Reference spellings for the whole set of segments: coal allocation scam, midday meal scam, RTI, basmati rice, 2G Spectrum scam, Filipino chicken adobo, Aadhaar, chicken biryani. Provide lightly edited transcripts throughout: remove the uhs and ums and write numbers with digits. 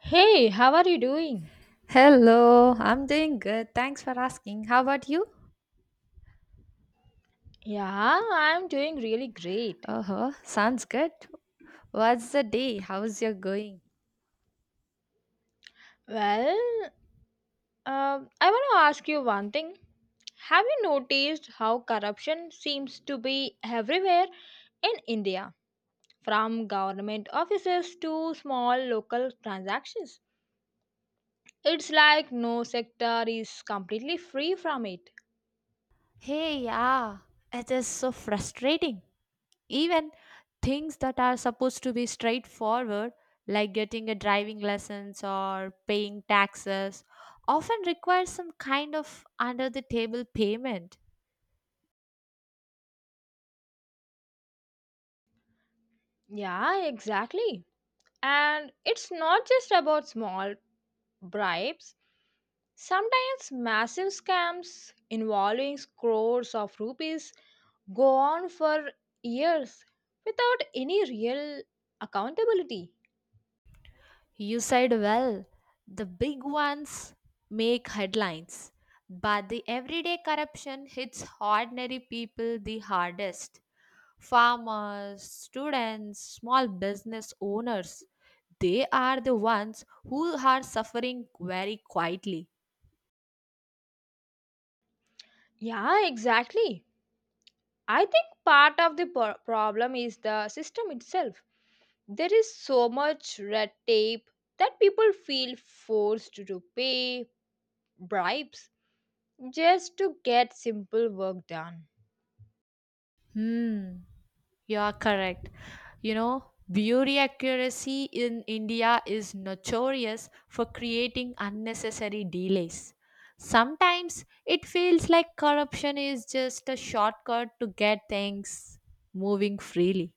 Hey, how are you doing? Hello, I'm doing good. Thanks for asking. How about you? Yeah, I'm doing really great. Uh huh. Sounds good. What's the day? How's your going? Well, I want to ask you one thing. Have you noticed how corruption seems to be everywhere in India, from government offices to small local transactions? It's like no sector is completely free from it. Hey, yeah, it is so frustrating. Even things that are supposed to be straightforward, like getting a driving license or paying taxes, often require some kind of under the table payment. Yeah, exactly. And it's not just about small bribes. Sometimes massive scams involving crores of rupees go on for years without any real accountability. You said well, the big ones make headlines, but the everyday corruption hits ordinary people the hardest. Farmers, students, small business owners, they are the ones who are suffering very quietly. Yeah, exactly. I think part of the problem is the system itself. There is so much red tape that people feel forced to pay bribes just to get simple work done. Hmm. You are correct. You know, beauty accuracy in India is notorious for creating unnecessary delays. Sometimes it feels like corruption is just a shortcut to get things moving freely.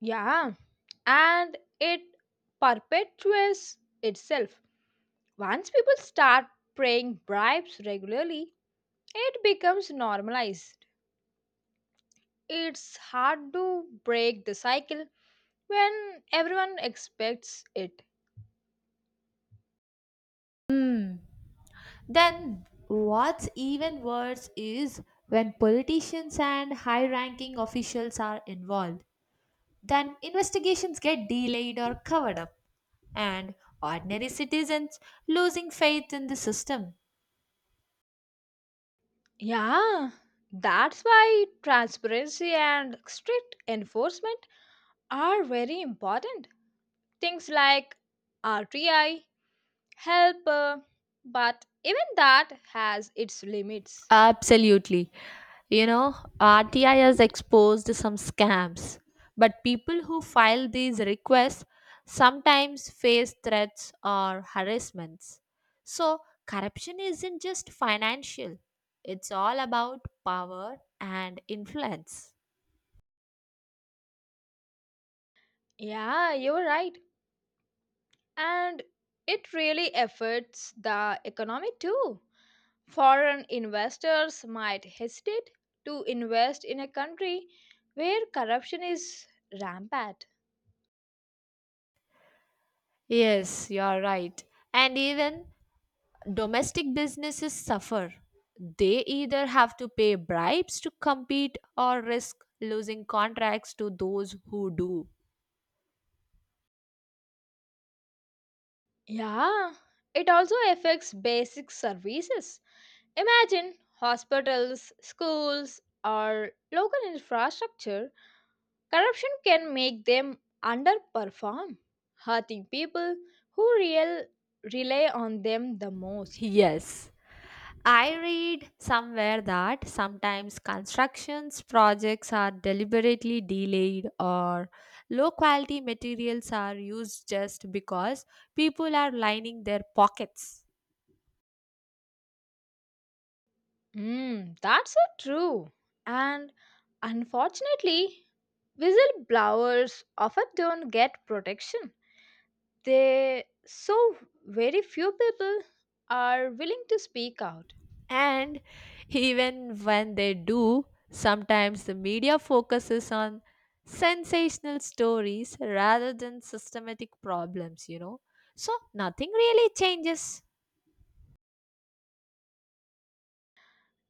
Yeah, and it perpetuates itself. Once people start paying bribes regularly, it becomes normalized. It's hard to break the cycle when everyone expects it. Hmm. Then, what's even worse is when politicians and high ranking officials are involved, then investigations get delayed or covered up, and ordinary citizens losing faith in the system. Yeah, that's why transparency and strict enforcement are very important. Things like RTI help, but even that has its limits. Absolutely. You know, RTI has exposed some scams, but people who file these requests sometimes face threats or harassments. So, corruption isn't just financial, it's all about power and influence. Yeah, you're right. And it really affects the economy too. Foreign investors might hesitate to invest in a country where corruption is rampant. Yes, you're right. And even domestic businesses suffer. They either have to pay bribes to compete or risk losing contracts to those who do. Yeah, it also affects basic services. Imagine hospitals, schools, or local infrastructure. Corruption can make them underperform, hurting people who rely on them the most. Yes. I read somewhere that sometimes constructions projects are deliberately delayed or low quality materials are used just because people are lining their pockets. Mm, that's so true. And unfortunately, whistleblowers often don't get protection. They so very few people are willing to speak out. And even when they do, sometimes the media focuses on sensational stories rather than systematic problems, So nothing really changes.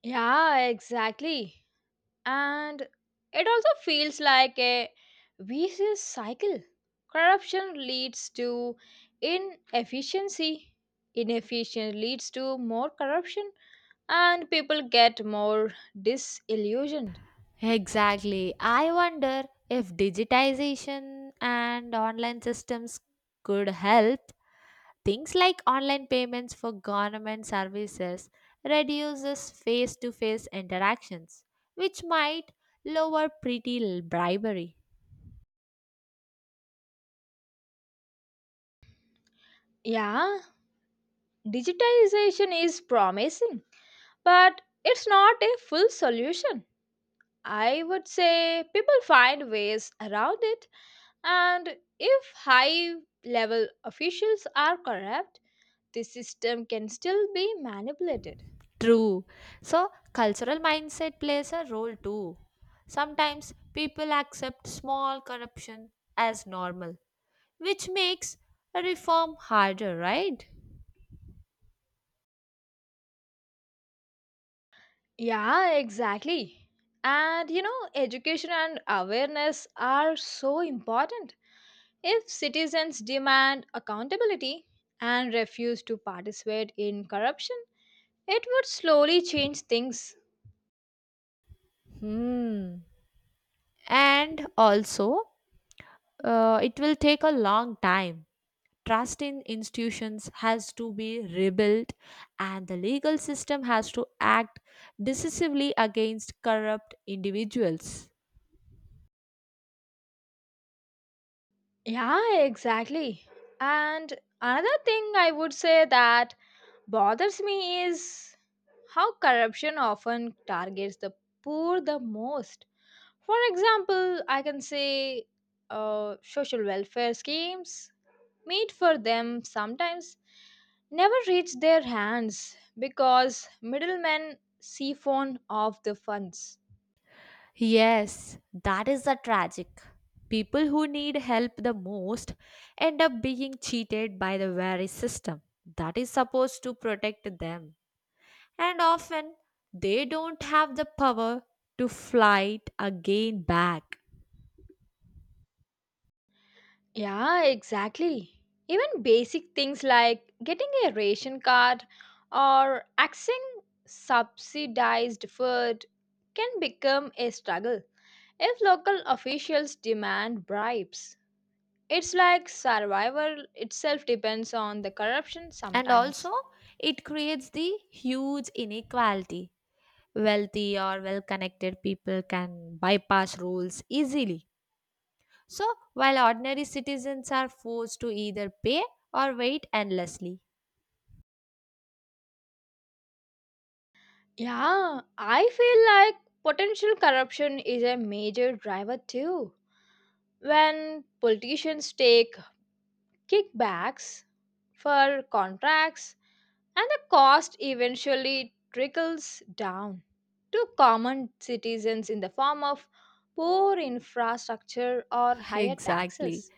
Yeah, exactly. And it also feels like a vicious cycle. Corruption leads to inefficiency. Inefficient leads to more corruption, and people get more disillusioned. Exactly. I wonder if digitization and online systems could help. Things like online payments for government services reduces face-to-face interactions, which might lower bribery. Yeah, digitization is promising, but it's not a full solution. I would say people find ways around it, and if high level officials are corrupt, the system can still be manipulated. True. So, cultural mindset plays a role too. Sometimes people accept small corruption as normal, which makes a reform harder, right? Yeah, exactly. And you know, education and awareness are so important. If citizens demand accountability and refuse to participate in corruption, it would slowly change things. Hmm. And also, it will take a long time. Trust in institutions has to be rebuilt, and the legal system has to act decisively against corrupt individuals. Yeah, exactly. And another thing I would say that bothers me is how corruption often targets the poor the most. For example, I can say social welfare schemes made for them sometimes never reach their hands because middlemen siphon off the funds. Yes, that is the tragic. People who need help the most end up being cheated by the very system that is supposed to protect them. And often they don't have the power to fight again back. Yeah, exactly. Even basic things like getting a ration card or accessing subsidized food can become a struggle if local officials demand bribes. It's like survival itself depends on the corruption And sometimes. also, it creates the huge inequality. Wealthy or well connected people can bypass rules easily. So, while ordinary citizens are forced to either pay or wait endlessly. Yeah, I feel like potential corruption is a major driver too. When politicians take kickbacks for contracts, and the cost eventually trickles down to common citizens in the form of poor infrastructure or higher Exactly. taxes.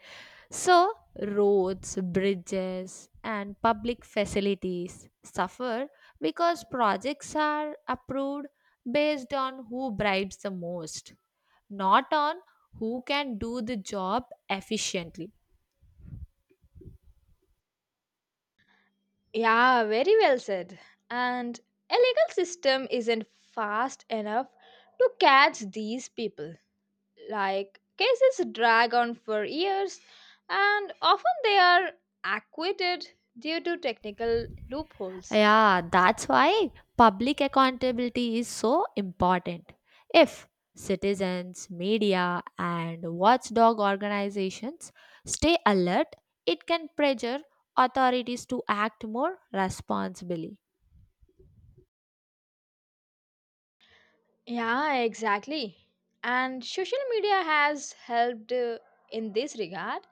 So, roads, bridges, and public facilities suffer because projects are approved based on who bribes the most, not on who can do the job efficiently. Yeah, very well said. And a legal system isn't fast enough to catch these people, like cases drag on for years and often they are acquitted due to technical loopholes. Yeah, that's why public accountability is so important. If citizens, media, and watchdog organizations stay alert, it can pressure authorities to act more responsibly. Yeah, exactly. And social media has helped in this regard.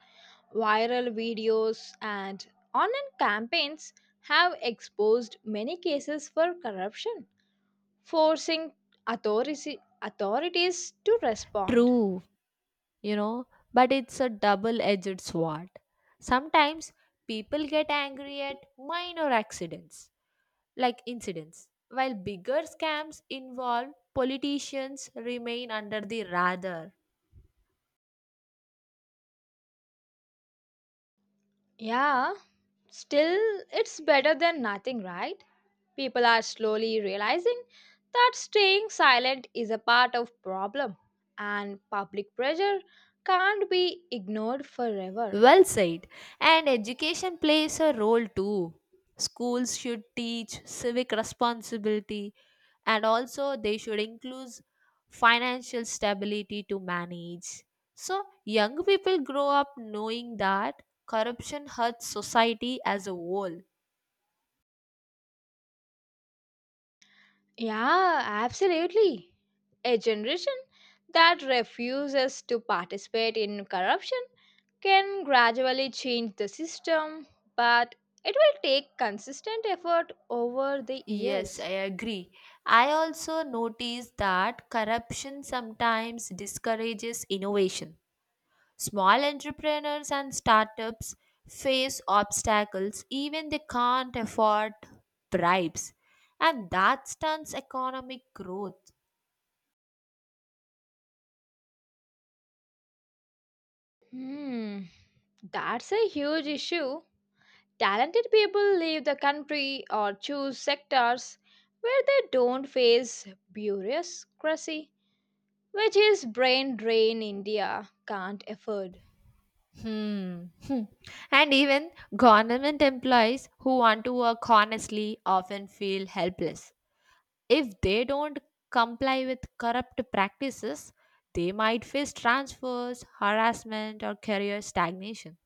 Viral videos and online campaigns have exposed many cases for corruption, forcing authorities to respond. True, you know, but it's a double edged sword. Sometimes people get angry at minor accidents, like incidents, while bigger scams involve politicians remain under the radar. Yeah, still it's better than nothing, right? People are slowly realizing that staying silent is a part of problem and public pressure can't be ignored forever. Well said. And education plays a role too. Schools should teach civic responsibility and also they should include financial stability to manage. So, young people grow up knowing that corruption hurts society as a whole. Yeah, absolutely. A generation that refuses to participate in corruption can gradually change the system, but it will take consistent effort over the Yes, I years. agree. I also notice that corruption sometimes discourages innovation. Small entrepreneurs and startups face obstacles even they can't afford bribes, and that stunts economic growth. Hmm, that's a huge issue. Talented people leave the country or choose sectors where they don't face bureaucracy, which is brain drain India can't afford. Hmm. hmm. And even government employees who want to work honestly often feel helpless. If they don't comply with corrupt practices, they might face transfers, harassment, or career stagnation.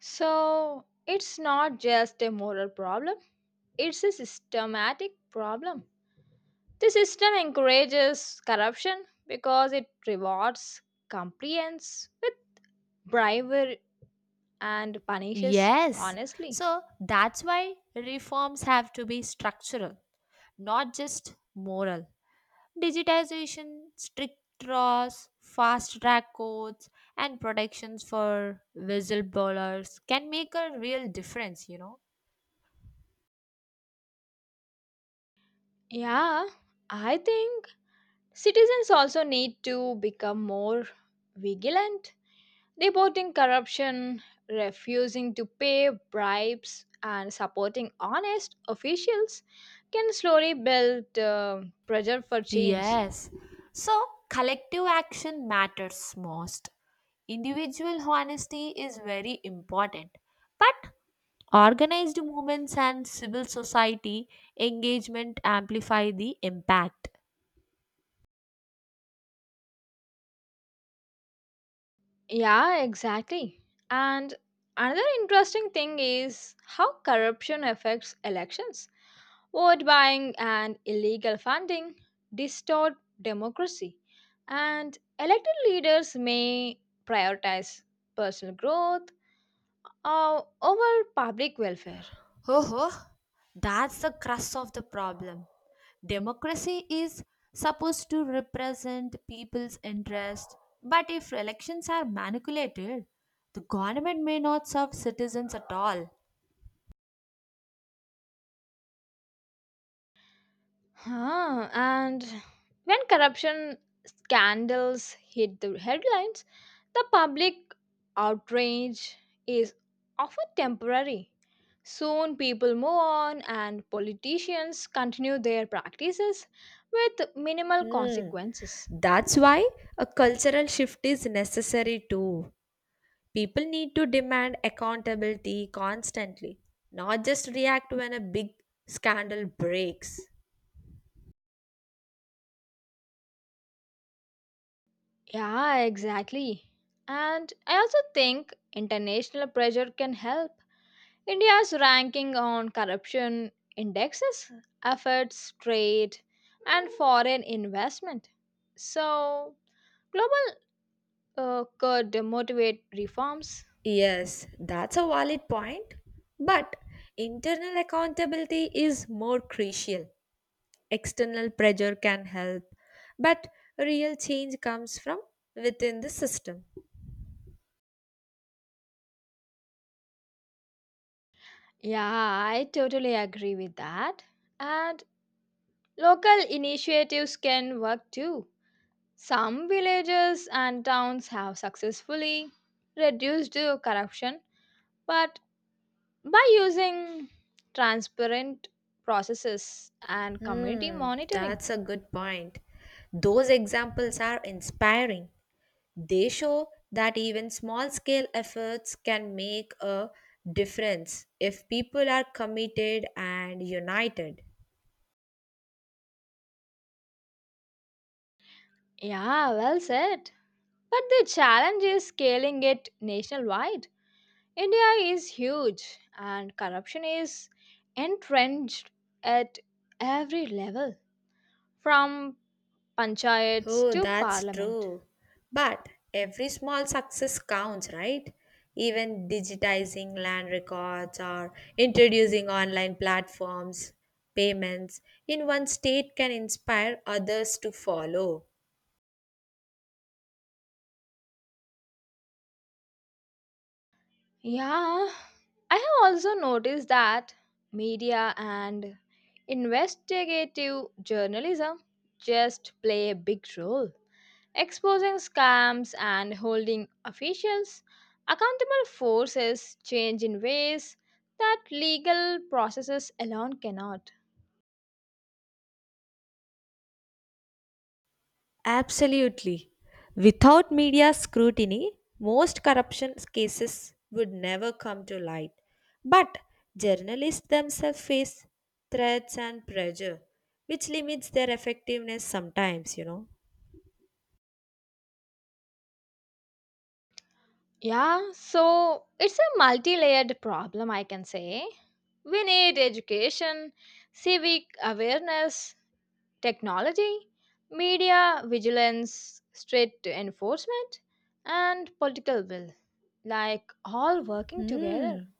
So it's not just a moral problem, it's a systematic problem. The system encourages corruption because it rewards compliance with bribery and punishes Yes, honestly. so that's why reforms have to be structural, not just moral. Digitization, strict laws, fast track courts, and protections for whistleblowers can make a real difference, Yeah, I think citizens also need to become more vigilant, reporting corruption, refusing to pay bribes, and supporting honest officials can slowly build pressure for change. Yes. So collective action matters most. Individual honesty is very important. But organized movements and civil society engagement amplify the impact. Yeah, exactly. And another interesting thing is how corruption affects elections. Vote buying and illegal funding distort democracy, and elected leaders may prioritize personal growth or over public welfare. Ho ho, that's the crux of the problem. Democracy is supposed to represent people's interest, but if elections are manipulated, the government may not serve citizens at all. Huh. And when corruption scandals hit the headlines, the public outrage is often temporary. Soon people move on and politicians continue their practices with minimal Hmm. consequences. That's why a cultural shift is necessary too. People need to demand accountability constantly, not just react when a big scandal breaks. Yeah, exactly. And I also think international pressure can help. India's ranking on corruption indexes affects trade and foreign investment. So, global could motivate reforms. Yes, that's a valid point. But internal accountability is more crucial. External pressure can help, but real change comes from within the system. Yeah, I totally agree with that. And local initiatives can work too. Some villages and towns have successfully reduced corruption, but by using transparent processes and community Hmm, monitoring. that's a good point. Those examples are inspiring. They show that even small scale efforts can make a difference if people are committed and united. Yeah, well said. But the challenge is scaling it nationwide. India is huge and corruption is entrenched at every level, from panchayats Oh, to that's parliament. true. But every small success counts, right? Even digitizing land records or introducing online platforms, payments in one state can inspire others to follow. Yeah, I have also noticed that media and investigative journalism just play a big role, exposing scams and holding officials accountable forces change in ways that legal processes alone cannot. Absolutely. Without media scrutiny, most corruption cases would never come to light. But journalists themselves face threats and pressure, which limits their effectiveness sometimes, Yeah, so it's a multi layered problem, I can say. We need education, civic awareness, technology, media vigilance, strict enforcement, and political will, like all working together. Hmm.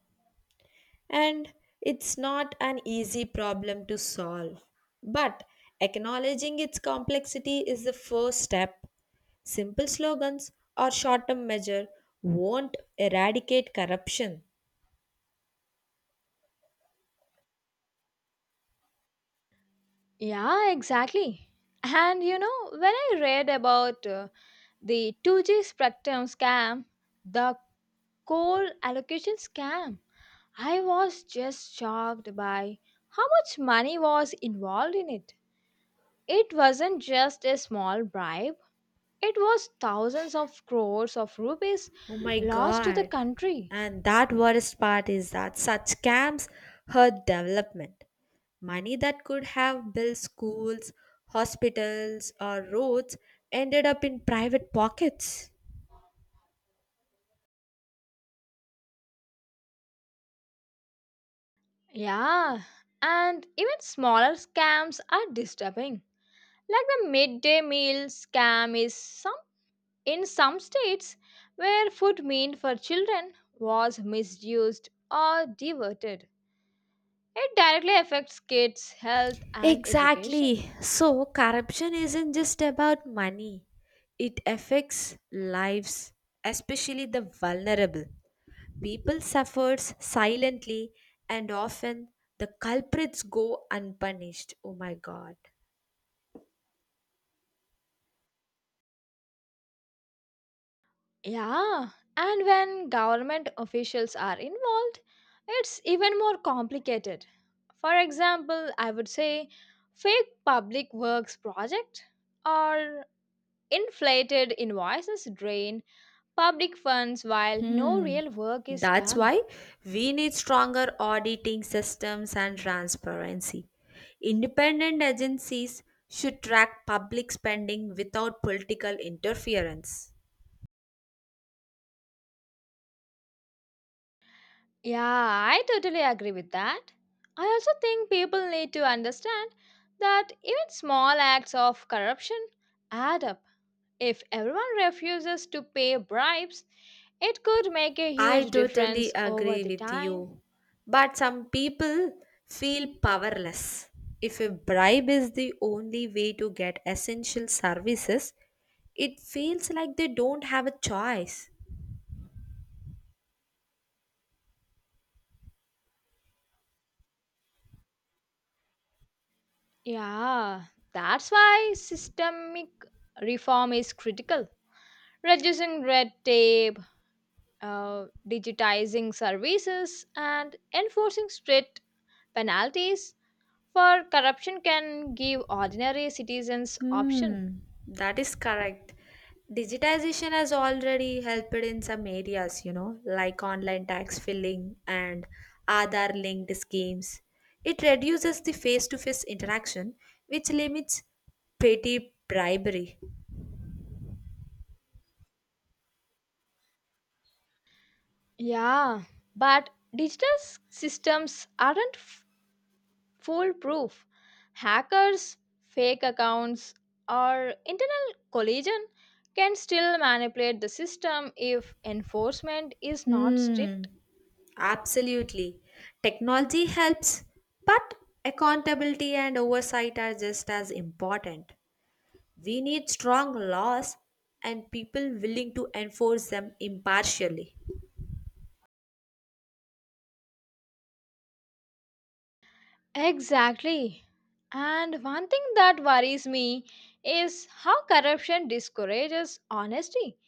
And it's not an easy problem to solve. But acknowledging its complexity is the first step. Simple slogans or short term measure won't eradicate corruption. Yeah, exactly. And you know, when I read about the 2G Spectrum scam, the coal allocation scam, I was just shocked by how much money was involved in it. It wasn't just a small bribe, it was thousands of crores of rupees Oh my lost to the god. country. And that worst part is that such scams hurt development. Money that could have built schools, hospitals, or roads ended up in private pockets. Yeah, and even smaller scams are disturbing. Like the midday meal scam is something. In some states, where food meant for children was misused or diverted, it directly affects kids' health and education. Exactly. So, corruption isn't just about money, it affects lives, especially the vulnerable. People suffers silently, and often the culprits go unpunished. Oh my god. Yeah, and when government officials are involved, it's even more complicated. For example, I would say fake public works project or inflated invoices drain public funds while no Hmm. real work is That's done. why we need stronger auditing systems and transparency. Independent agencies should track public spending without political interference. Yeah, I totally agree with that. I also think people need to understand that even small acts of corruption add up. If everyone refuses to pay bribes, it could make a I huge totally difference over agree the with time. you. But some people feel powerless. If a bribe is the only way to get essential services, it feels like they don't have a choice. Yeah, that's why systemic reform is critical. Reducing red tape, digitizing services, and enforcing strict penalties for corruption can give ordinary citizens option. Hmm, that is correct. Digitization has already helped in some areas, like online tax filing and Aadhaar linked schemes. It reduces the face to face interaction, which limits petty bribery. Yeah, but systems aren't foolproof. Hackers, fake accounts, or internal collision can still manipulate the system if enforcement is not Hmm, strict. absolutely. Technology helps, but accountability and oversight are just as important. We need strong laws and people willing to enforce them impartially. Exactly. And one thing that worries me is how corruption discourages honesty.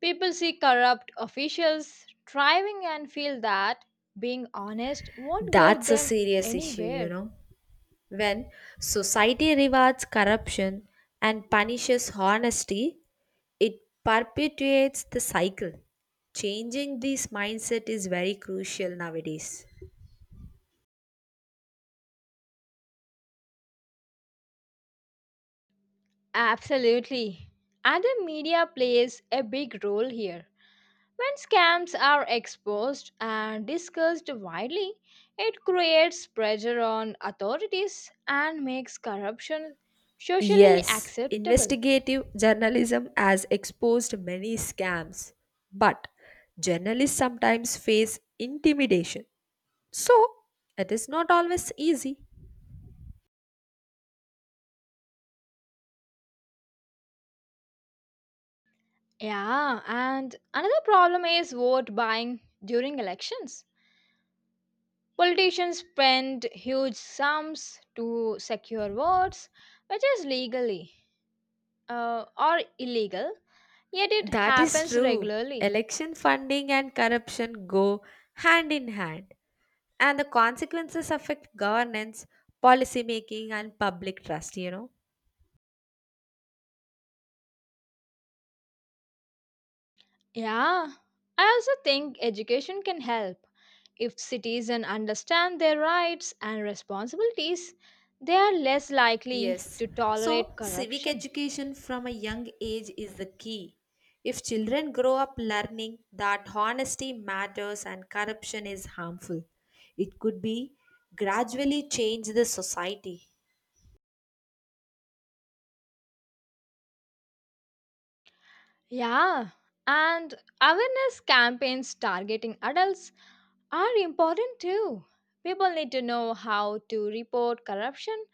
People see corrupt officials thriving and feel that being honest won't get That's a them serious issue, anywhere. When society rewards corruption and punishes honesty, it perpetuates the cycle. Changing this mindset is very crucial nowadays. Absolutely. And the media plays a big role here. When scams are exposed and discussed widely, it creates pressure on authorities and makes corruption socially Yes, acceptable. investigative journalism has exposed many scams, but journalists sometimes face intimidation. So, it is not always easy. Yeah, and another problem is vote buying during elections. Politicians spend huge sums to secure votes, which is legally or illegal, yet it That is happens true. regularly. Election funding and corruption go hand in hand, and the consequences affect governance, policy making, and public trust, Yeah, I also think education can help. If citizens understand their rights and responsibilities, they are less likely Yes, to so tolerate civic corruption. education from a young age is the key. If children grow up learning that honesty matters and corruption is harmful, it could be gradually change the society. Yeah, and awareness campaigns targeting adults are important too. People need to know how to report corruption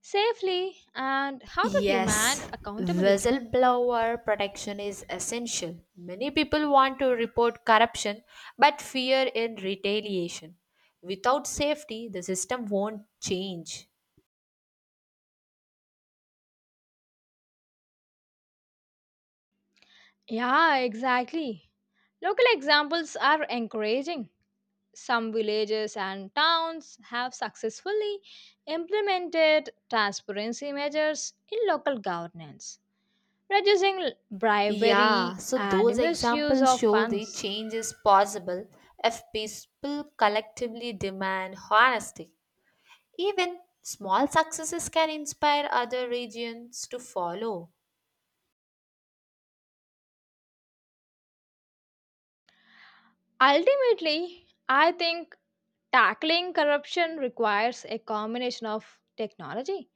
safely and how to demand Yes, accountability. whistleblower protection is essential. Many people want to report corruption but fear in retaliation. Without safety, the system won't change. Yeah, exactly. Local examples are encouraging. Some villages and towns have successfully implemented transparency measures in local governance, reducing Yeah, bribery so and those misuse examples of show the funds. change is possible if people collectively demand honesty. Even small successes can inspire other regions to follow. Ultimately, I think tackling corruption requires a combination of technology,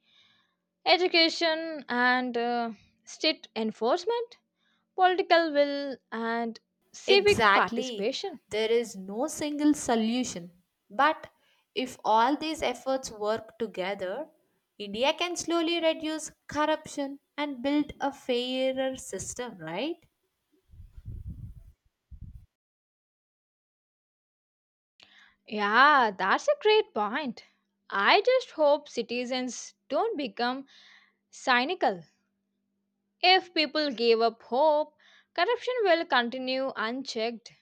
education, and strict enforcement, political will, and civic Exactly. participation. There is no single solution. But if all these efforts work together, India can slowly reduce corruption and build a fairer system, right? Yeah, that's a great point. I just hope citizens don't become cynical. If people give up hope, corruption will continue unchecked.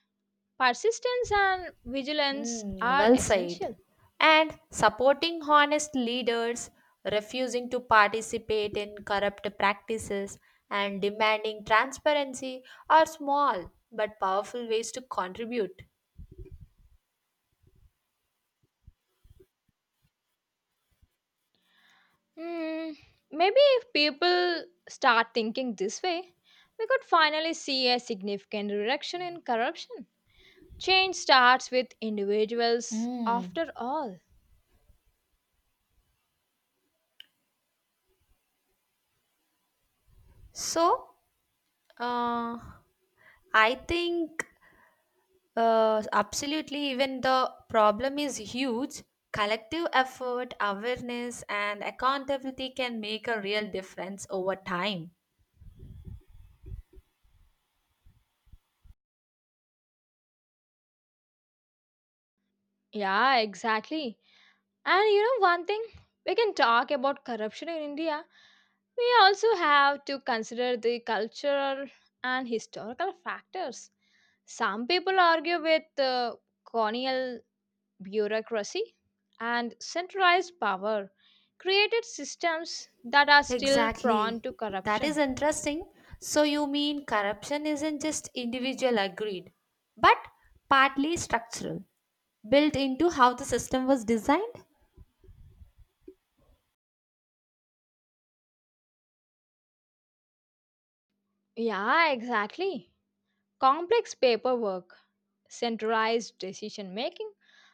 Persistence and vigilance Hmm, are well said. essential. And supporting honest leaders, refusing to participate in corrupt practices, and demanding transparency are small but powerful ways to contribute. Hmm, maybe if people start thinking this way, we could finally see a significant reduction in corruption. Change starts with individuals, Mm. after all. So, uh, I think absolutely, even the problem is huge. Collective effort, awareness, and accountability can make a real difference over time. Yeah, exactly. And you know one thing, we can talk about corruption in India. We also have to consider the cultural and historical factors. Some people argue with the colonial bureaucracy and centralized power created systems that are still prone Exactly. to That is corruption. interesting. So, you mean corruption isn't just individual agreed, but partly structural, built into how the system was designed? Yeah, exactly. Complex paperwork, centralized decision making,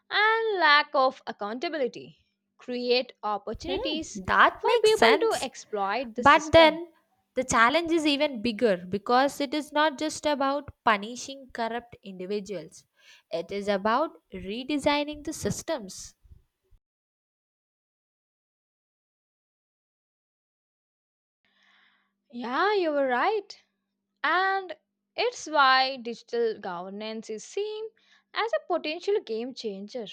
and lack of accountability create Hmm, opportunities that for makes people to sense. exploit the But system. then the challenge is even bigger because it is not just about punishing corrupt individuals, it is about redesigning the systems. Yeah, you were right. And it's why digital governance is seen as a potential game changer.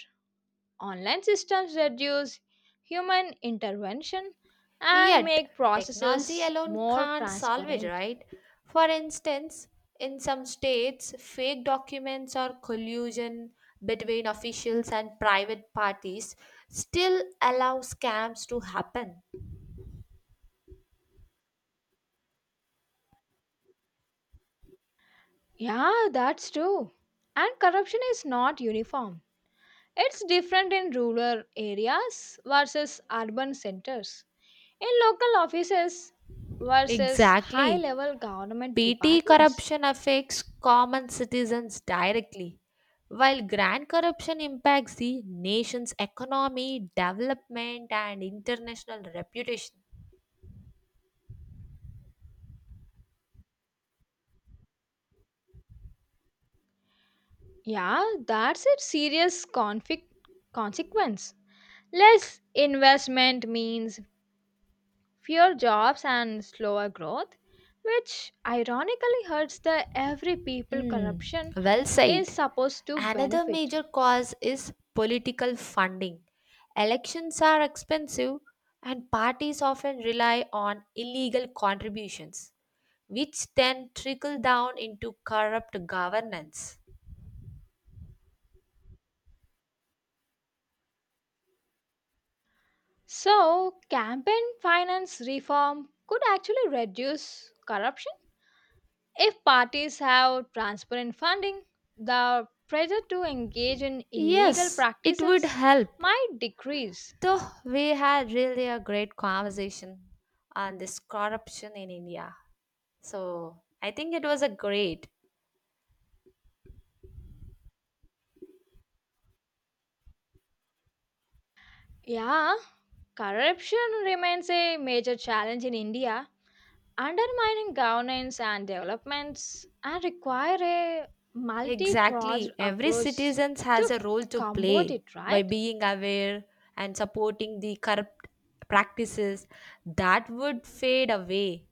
Online systems reduce human intervention and Yet, make technology processes alone more can't solve it, transparent. right? For instance, in some states, fake documents or collusion between officials and private parties still allow scams to happen. Yeah, that's true. And corruption is not uniform. It's different in rural areas versus urban centers, in local offices versus high Exactly. level government Petty departments. corruption affects common citizens directly, while grand corruption impacts the nation's economy, development, and international reputation. Yeah, that's a serious conflict consequence. Less investment means fewer jobs and slower growth, which ironically hurts the every people Hmm, corruption well is said. supposed to Another benefit. major cause is political funding. Elections are expensive, and parties often rely on illegal contributions, which then trickle down into corrupt governance. So, campaign finance reform could actually reduce corruption. If parties have transparent funding, the pressure to engage in illegal Yes, it would practices help. might decrease. So, we had really a great conversation on this corruption in India. So, I think it was a great. Yeah, corruption remains a major challenge in India, undermining governance and developments, and require a multi-pronged Exactly. Every approach citizen has to a role to combat play it, by right? being aware and supporting the corrupt practices that would fade away.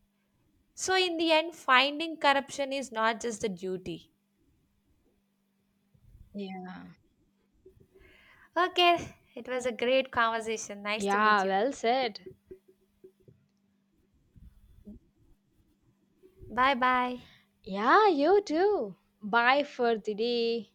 So, in the end, finding corruption is not just a duty. Yeah. Okay, it was a great conversation. Nice to meet Yeah, you. well said. Bye bye. Yeah, you too. Bye for today.